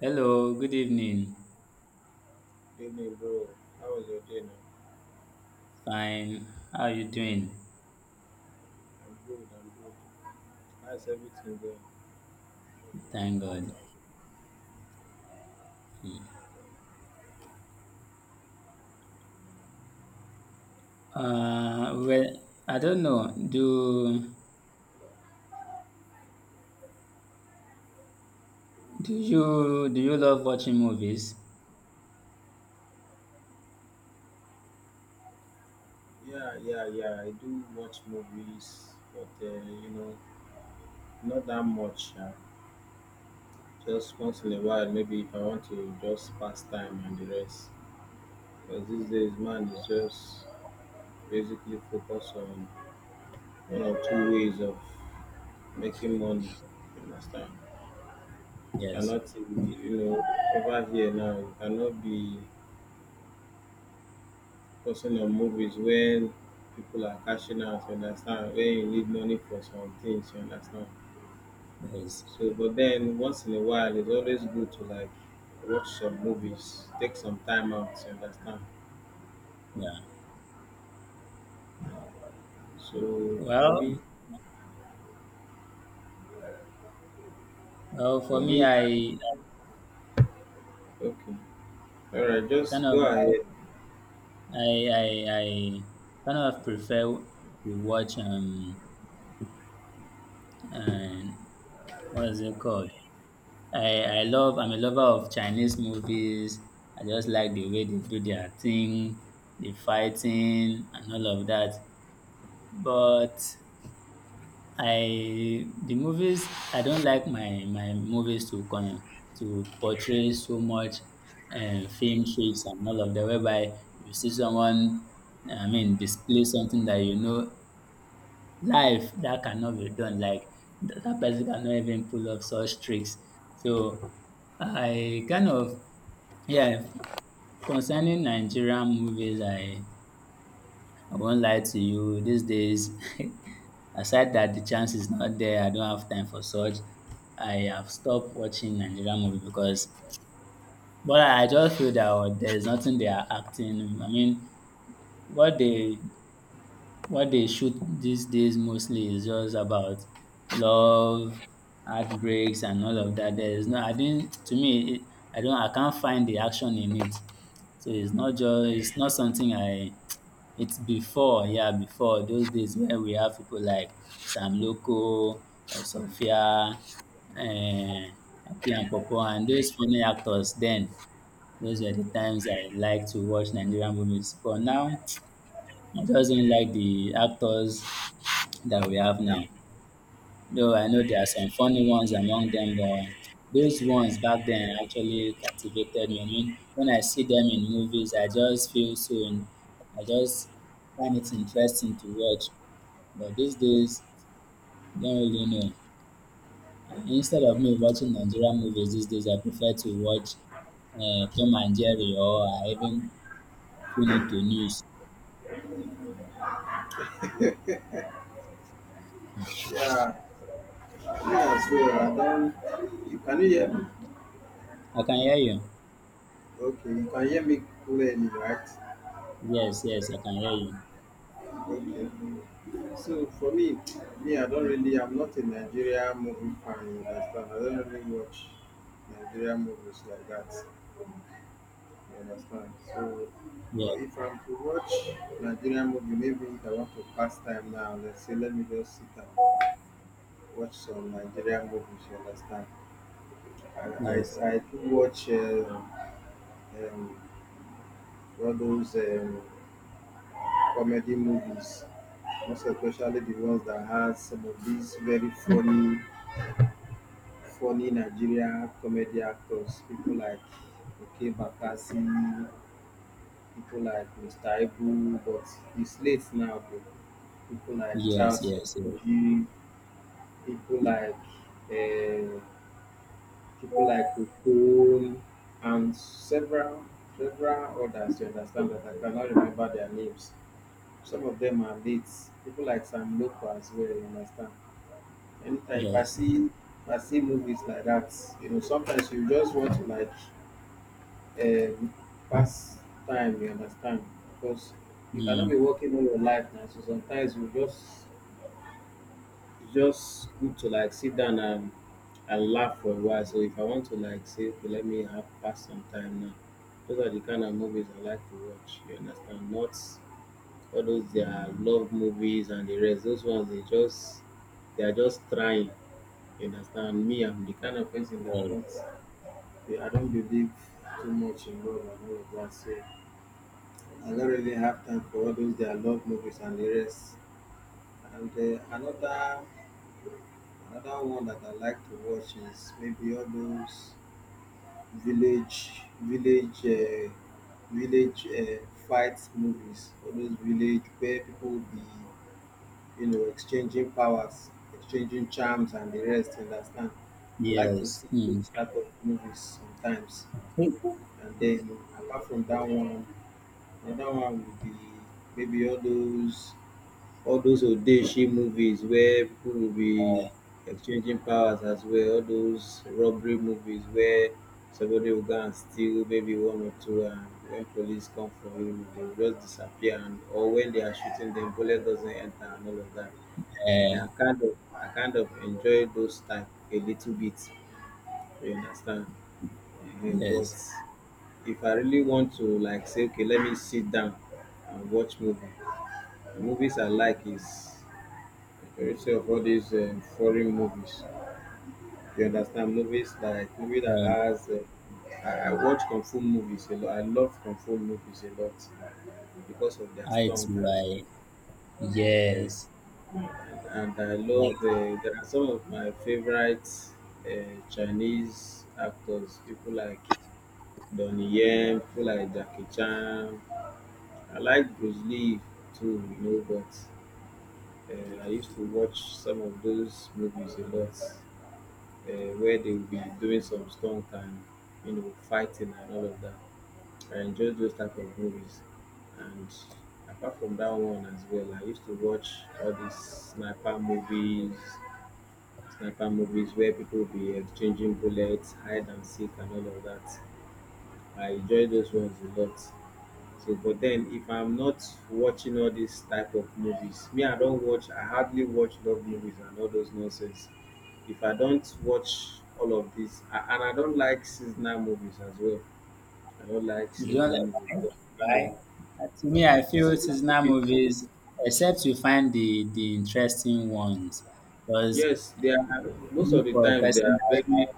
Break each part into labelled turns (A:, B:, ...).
A: Hello, good evening.
B: Evening, bro. How was your day now?
A: Fine. How are you doing?
B: I'm good, I'm good. How's everything going?
A: Thank God. Well, I don't know. Do you love watching movies?
B: Yeah, yeah, yeah. I do watch movies, but not that much. Just once in a while, maybe if I want to just pass time and the rest. Because these days, man, is just basically focused on one or two ways of making money. You understand?
A: Yes.
B: Cannot, you know, over here now, you cannot be personal movies when people are cashing out, you understand? When you need money for some things, you understand?
A: Yes.
B: So, but then once in a while, it's always good to like watch some movies, take some time out, you understand?
A: Yeah.
B: So
A: Well, well, for
B: for
A: me,
B: me, yeah, okay, all right, just
A: kind of
B: go ahead.
A: I kind of prefer to watch, and what is it called? I'm a lover of Chinese movies. I just like the way they do their thing, the fighting and all of that. But I the movies I don't like my movies to portray so much film tricks and all of that, whereby you see someone, I mean, display something that, life, that cannot be done, like That person cannot even pull off such tricks. So I kind of yeah, concerning Nigerian movies, I won't lie to you. These days, aside that the chance is not there, I don't have time for such. I have stopped watching Nigerian movie, but I just feel that, oh, there's nothing they are acting. I mean, what they what they shoot these days mostly is just about love, heartbreaks, and all of that. There is no, I didn't. To me, it, I don't. I can't find the action in it. So it's not just, it's not something I. It's before, yeah, before those days when we have people like Sam Loco, Sophia, eh, Aki and Popo, and those funny actors. Then those were the times I liked to watch Nigerian movies. But now I just don't like the actors that we have now. Though I know there are some funny ones among them, but those ones back then actually captivated me. I mean, when I see them in movies, I just feel so. I just find it interesting to watch. But these days, don't really know. Instead of me watching Nigerian movies these days, I prefer to watch, Tom and Jerry, or I even tune into news.
B: Yeah, me as well. I don't. You can you hear me?
A: I can hear you.
B: Okay, you can hear me clearly, right?
A: Yes, yes, I can hear you.
B: Okay. So for me, me, I don't really, I'm not a Nigeria movie fan, you understand? I don't really watch Nigeria movies like that, you understand? So
A: Yeah,
B: if I'm to watch Nigeria movie, maybe if I want to pass time now, let's say let me just sit and watch some Nigeria movies, you understand? I,
A: yes,
B: I, I do watch um, all those comedy movies, most especially the ones that has some of these very funny Nigeria comedy actors, people like Oke Bakassi, people like Mr. Ibu, but he's late now, but people like
A: yes,
B: Charles
A: yes,
B: Oji, people like uh, people like Okon, and several others you understand that I cannot remember their names. Some of them are late. People like Sam Loco as well, you understand. Anytime if
A: yes,
B: I
A: yes,
B: see if I see movies like that, you know, sometimes you just want to like um, pass time, you understand? Because you cannot
A: mm,
B: be working all your life now. So sometimes you just it's just good to like sit down and laugh for a while. So if I want to like say, okay, let me have pass some time now. Those are the kind of movies I like to watch. You understand? Not all those their love movies and the rest. Those ones they just they are just trying. You understand? Me, I'm the kind of person that I don't believe too much in love and all of that. So I don't really have time for all those their love movies and the rest. And another another one that I like to watch is maybe all those village village uh, village fight movies. All those village where people will be you know exchanging powers, exchanging charms and the rest. Understand? I like to
A: yes,
B: see
A: yes. Mm.
B: those type of movies sometimes. And then apart from that one, another one would be maybe all those odeshi movies where people will be
A: Uh,
B: exchanging powers as well. All those robbery movies where somebody will go and steal maybe one or two, and when police come for him, they will just disappear. And or when they are shooting them, bullet doesn't enter and all of that. And
A: uh,
B: I kind of enjoy those type a little bit. You understand? Eh, but
A: yes,
B: if I really want to like say, okay, let me sit down and watch movie. The movies I like is very see of all these foreign movies. You understand movies like movie that
A: um,
B: has. I watch kung fu movies a lot. I love kung fu movies a lot because of their
A: I
B: strength
A: too,
B: and. Uh,
A: yes,
B: and I
A: I
B: love
A: like.
B: there are some of my favorite Chinese actors, people like Donnie Yen, people like Jackie Chan. I like Bruce Lee too, you know, but I used to watch some of those movies a lot. Where they will be doing some stunt and you know fighting and all of that. I enjoy those type of movies. And apart from that one as well, I used to watch all these sniper movies where people be exchanging bullets, hide and seek, and all of that. I enjoy those ones a lot. So, but then if I'm not watching all these type of movies, me I don't watch. I hardly watch love movies and all those nonsense. If I don't watch all of this, and I don't like seasonal movies as well. I don't like
A: You don't
B: seasonal
A: like,
B: movies.
A: why?
B: But kind of
A: Why? To me, I feel
B: seasonal
A: seasonal
B: movies,
A: movies, except you find the interesting ones, because
B: yes, they are most
A: me,
B: of the
A: for a
B: times
A: person,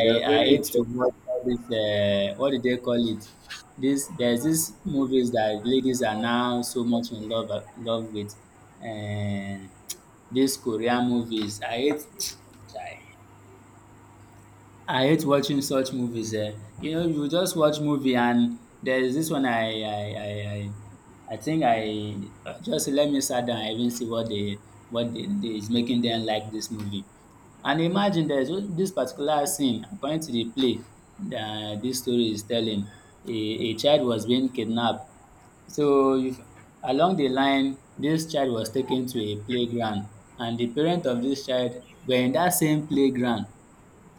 A: I
B: they are
A: I
B: very
A: hate to
B: interesting.
A: watch all this. What do they call it? This There's this movies that ladies are now so much in love, with, and these Korean movies. I hate. Chai. I hate watching such movies, eh. You know, you just watch movie, and there is this one. I think I just let me sit down and even see what they, what they is making them like this movie. And imagine there's this particular scene according to the play that this story is telling. A child was being kidnapped. So if, along the line, this child was taken to a playground, and the parent of this child were in that same playground.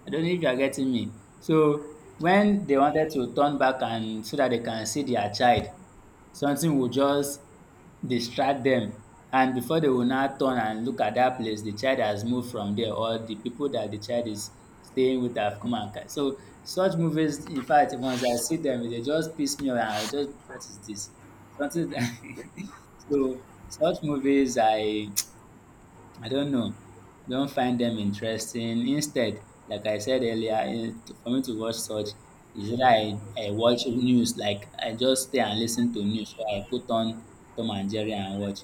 A: I don't know if you are getting me. So when they wanted to turn back and so that they can see their child, something will just distract them. And before they will now turn and look at that place, the child has moved from there, or the people that the child is staying with have come and so such movies. In fact, once I see them, they just piss me off, and I just, what is this? Something. So such movies, I don't know. I don't find them interesting. Instead, like I said earlier, for me to watch such is that I watch news. Like, I just stay and listen to news. So I put on Tom and Jerry and watch.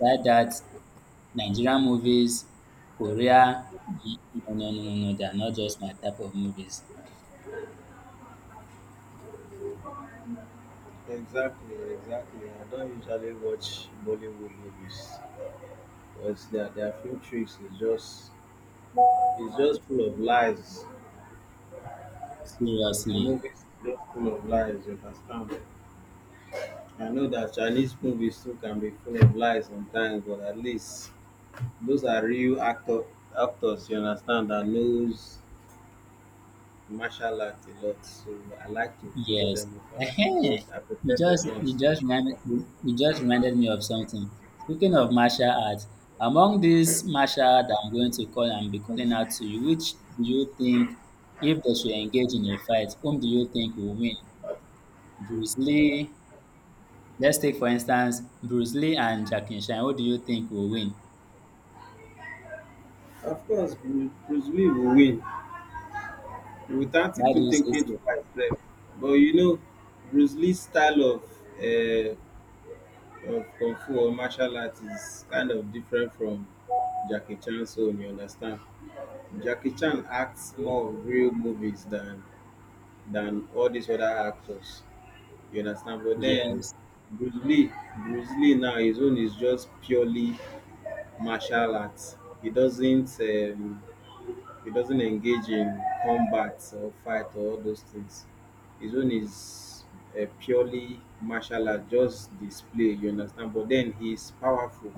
A: Like that, Nigerian movies, Korea, no, no, no, no, no, they are not just my type of movies.
B: Exactly, exactly. I don't usually watch Bollywood movies because their film tricks is just it's just full of lies. Your
A: Seriously.
B: movies look full of lies, you understand? I know that Chinese movies too can be full of lies sometimes, but at least those are real actors, you understand, that knows martial art a lot. So I like to follow
A: Yes.
B: them up. I like
A: Ehen.
B: to I
A: You
B: prefer
A: just
B: those
A: you
B: ones.
A: just reminded you just reminded me of something. Speaking of martial arts, among these martial art I'm going to call and be calling out to you, which do you think, if they should engage in a fight, whom do you think will win? Bruce Lee. Let's take, for instance, Bruce Lee and Jackie Chan. Who do you think will win?
B: Of course, Bruce Lee will win without
A: Why do
B: even
A: you say
B: thinking
A: so?
B: twice. Sef. But you know, Bruce Lee's style uh, of kung fu or martial arts is kind of different from Jackie Chan's own, you understand? Jackie Chan acts more of real movies than all these other actors. You understand? But then
A: Yes,
B: Bruce Lee, Bruce Lee now his own is just purely martial arts. He doesn't um, he doesn't engage in combat or fight or all those things. His own is a purely martial art, just display, you understand? But then he's powerful.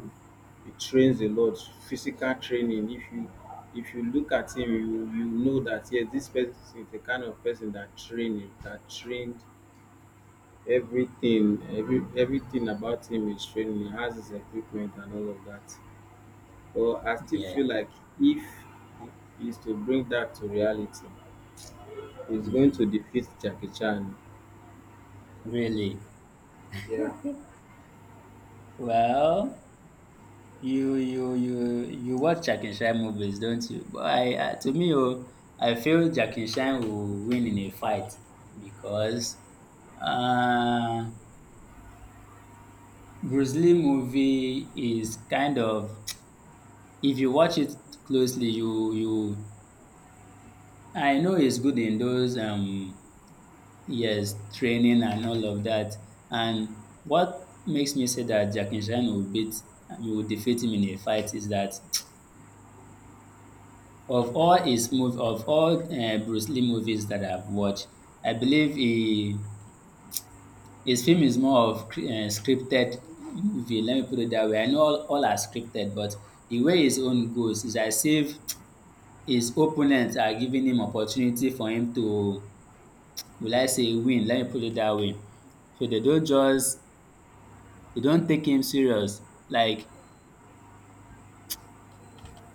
B: He trains a lot, physical training. If you look at him, you know that yes, this person is the kind of person that that trained everything, everything about him is training. He has his equipment and all of that. But I still
A: yeah,
B: feel like if he is to bring that to reality. He's going to
A: mm,
B: defeat Jackie Chan.
A: really.
B: Yeah.
A: Well, You you you you watch Jack and Shine movies, don't you? But I, to me, oh, I feel Jack and Shine will win in a fight because, uh, Bruce Lee movie is kind of, if you watch it closely, you I know it's good in those, yes, training and all of that. And what makes me say that Jack and Shine will beat will defeat him in a fight is that, of all Bruce Lee movies that I've watched, I believe he his film is more of cr scripted movie, let me put it that way. I know all are scripted, but the way his own goes is as if his opponents are giving him opportunity for him to, will I say, win, let me put it that way. So they don't just, they don't take him serious. Like,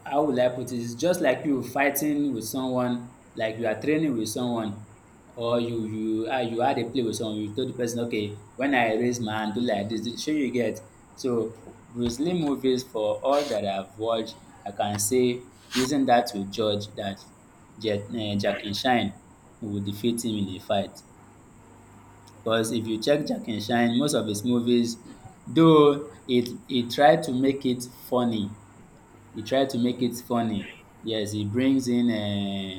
A: how will I put it? It's just like you fighting with someone, like you are training with someone, or you had a play with someone. You told the person, okay, when I raise my hand, do like this. Shey you get. So Bruce Lee movies, for all that I've watched, I can say, using that to judge that, Jack and Shine will defeat him in a fight. Because if you check Jack and Shine, most of his movies, though it he try to make it funny. Yes, he brings in, um,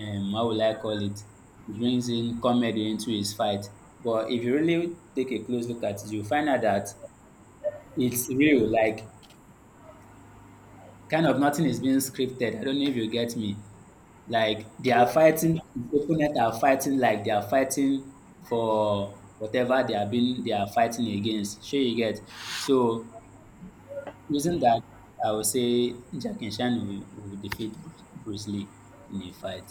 A: um, how will I call it? He brings in comedy into his fight. But if you really take a close look at it, you'll find out that it's real. Like, kind of nothing is being scripted. I don't know if you get me. Like, they are
B: Yeah.
A: fighting, his opponent are fighting like they are fighting for whatever they are fighting against. Sure you get. So, using that, I would say Jackie Chan will, defeat Bruce Lee in a fight.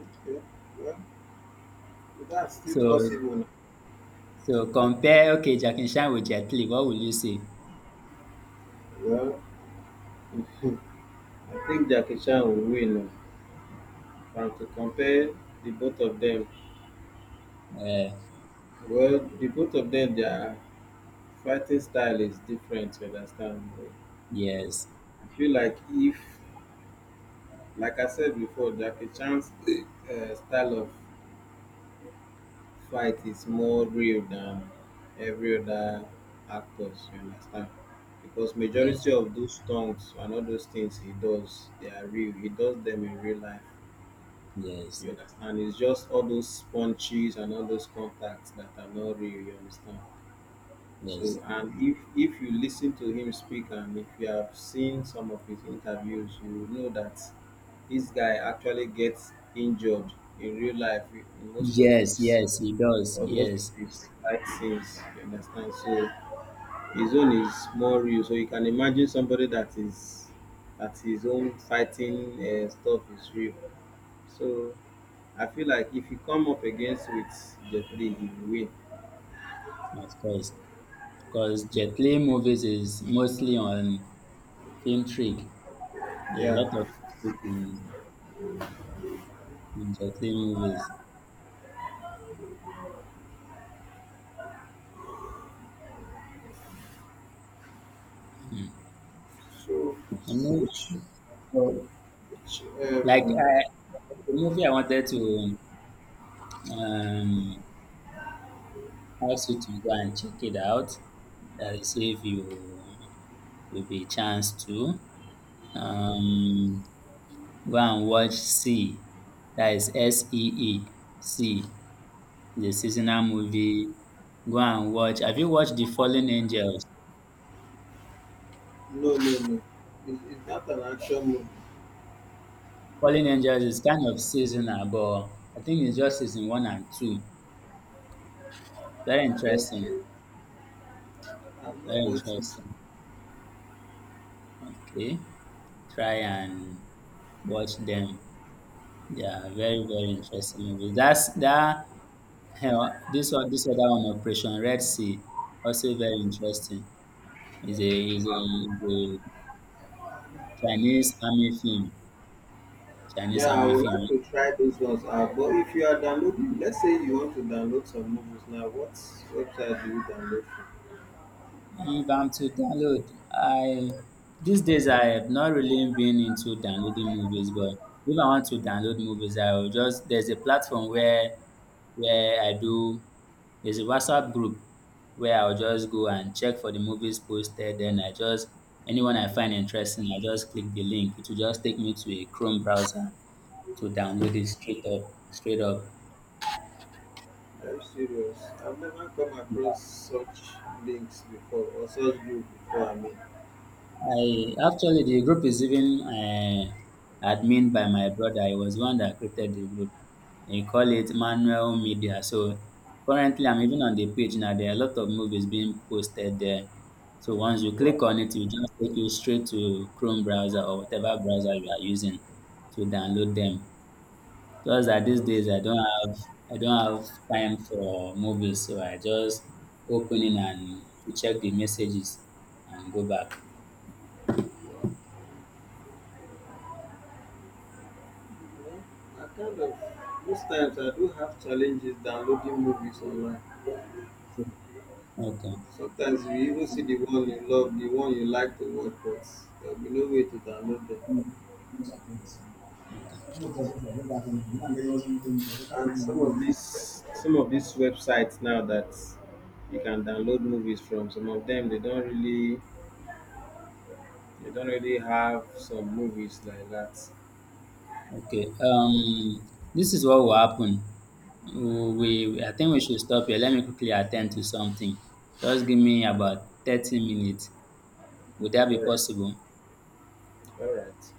B: Okay. Well, that's still
A: So,
B: possible.
A: so, compare, okay, Jackie Chan with Jet Li, what will you say?
B: Well, I think Jackie Chan will win. If to compare the both of them,
A: Uh,
B: well, the both of them, their fighting style is different. You understand?
A: yes,
B: I feel like if, like I said before, Jackie Chan's style of fight is more real than every other actors you understand because
A: yes,
B: majority of those stunts and all those things he does they are real he does them in real life
A: yes,
B: you understand it's just all those punches and all those contacts that are not real you understand. So
A: yes.
B: and if you listen to him speak and if you have seen some of his interviews you will know that this guy actually gets injured in real life in most of
A: Yes,
B: his
A: yes, he does.
B: but most of
A: Yes,
B: it's light scenes, you understand? So his own is more real. So you can imagine somebody that is that his own fighting stuff is real. So I feel like if you come up against with Jeffrey, he will win.
A: of course. Because Jet Li movies is mostly on film trick. There are a lot
B: Yeah.
A: of trick in Jet Li movies. Hmm.
B: So
A: I mean,
B: which
A: so,
B: which
A: like,
B: um
A: the movie I wanted to, um, ask you to go and check it out. That is, if you will be a chance to. Um, go and watch Sea. That is See, Sea. The seasonal movie. Go and watch. Have you watched The Fallen Angels?
B: no, no, no. Is that an action movie?
A: Fallen Angels is kind of seasonal, but I think it's just season one and two. Very interesting.
B: Okay. I've
A: Very
B: not watched it.
A: interesting. Okay. Try and watch them. They are very, very interesting movies. That's that. Hell, this other one, Operation Red Sea, also very interesting. It's a Chinese army film. Chinese
B: Yeah, I
A: army
B: would like
A: film.
B: to try those ones out. But if you are downloading, let's say you want to download some movies now, what website do you download from?
A: If I'm to download, I these days I have not really been into downloading movies, but if I want to download movies, I will just there's a platform where I do, there's a WhatsApp group where I'll just go and check for the movies posted. Then I just anyone I find interesting, I just click the link. It will just take me to a Chrome browser to download it straight up, straight up.
B: I'm serious. I've never come across such links before or such group before. I mean,
A: I actually, the group is even, admin by my brother. He was the one that created the group. He call it Manuel Media. So currently, I'm even on the page now. There are a lot of movies being posted there. So once you
B: wow.
A: click on it, it will just take you straight to Chrome browser or whatever browser you are using to download them. Just that
B: I
A: these
B: was-
A: days I don't have time for movies, so I just open it and check the messages and go back.
B: wow. Well, I kind of most times I do have challenges downloading movies online.
A: So, okay.
B: Sometimes you even
A: Okay.
B: see the one you love, the one you like to watch, but there'll be no way to download them. And some of these websites now that you can download movies from, some of them they don't really have some movies like that.
A: Okay. This is what will happen. I think we should stop here. Let me quickly attend to something. Just give me about 30 minutes. Would that
B: All
A: be
B: right,
A: possible?
B: all right,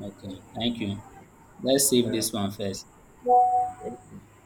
A: Okay. Thank you. Let's save
B: all
A: this one first.
B: right.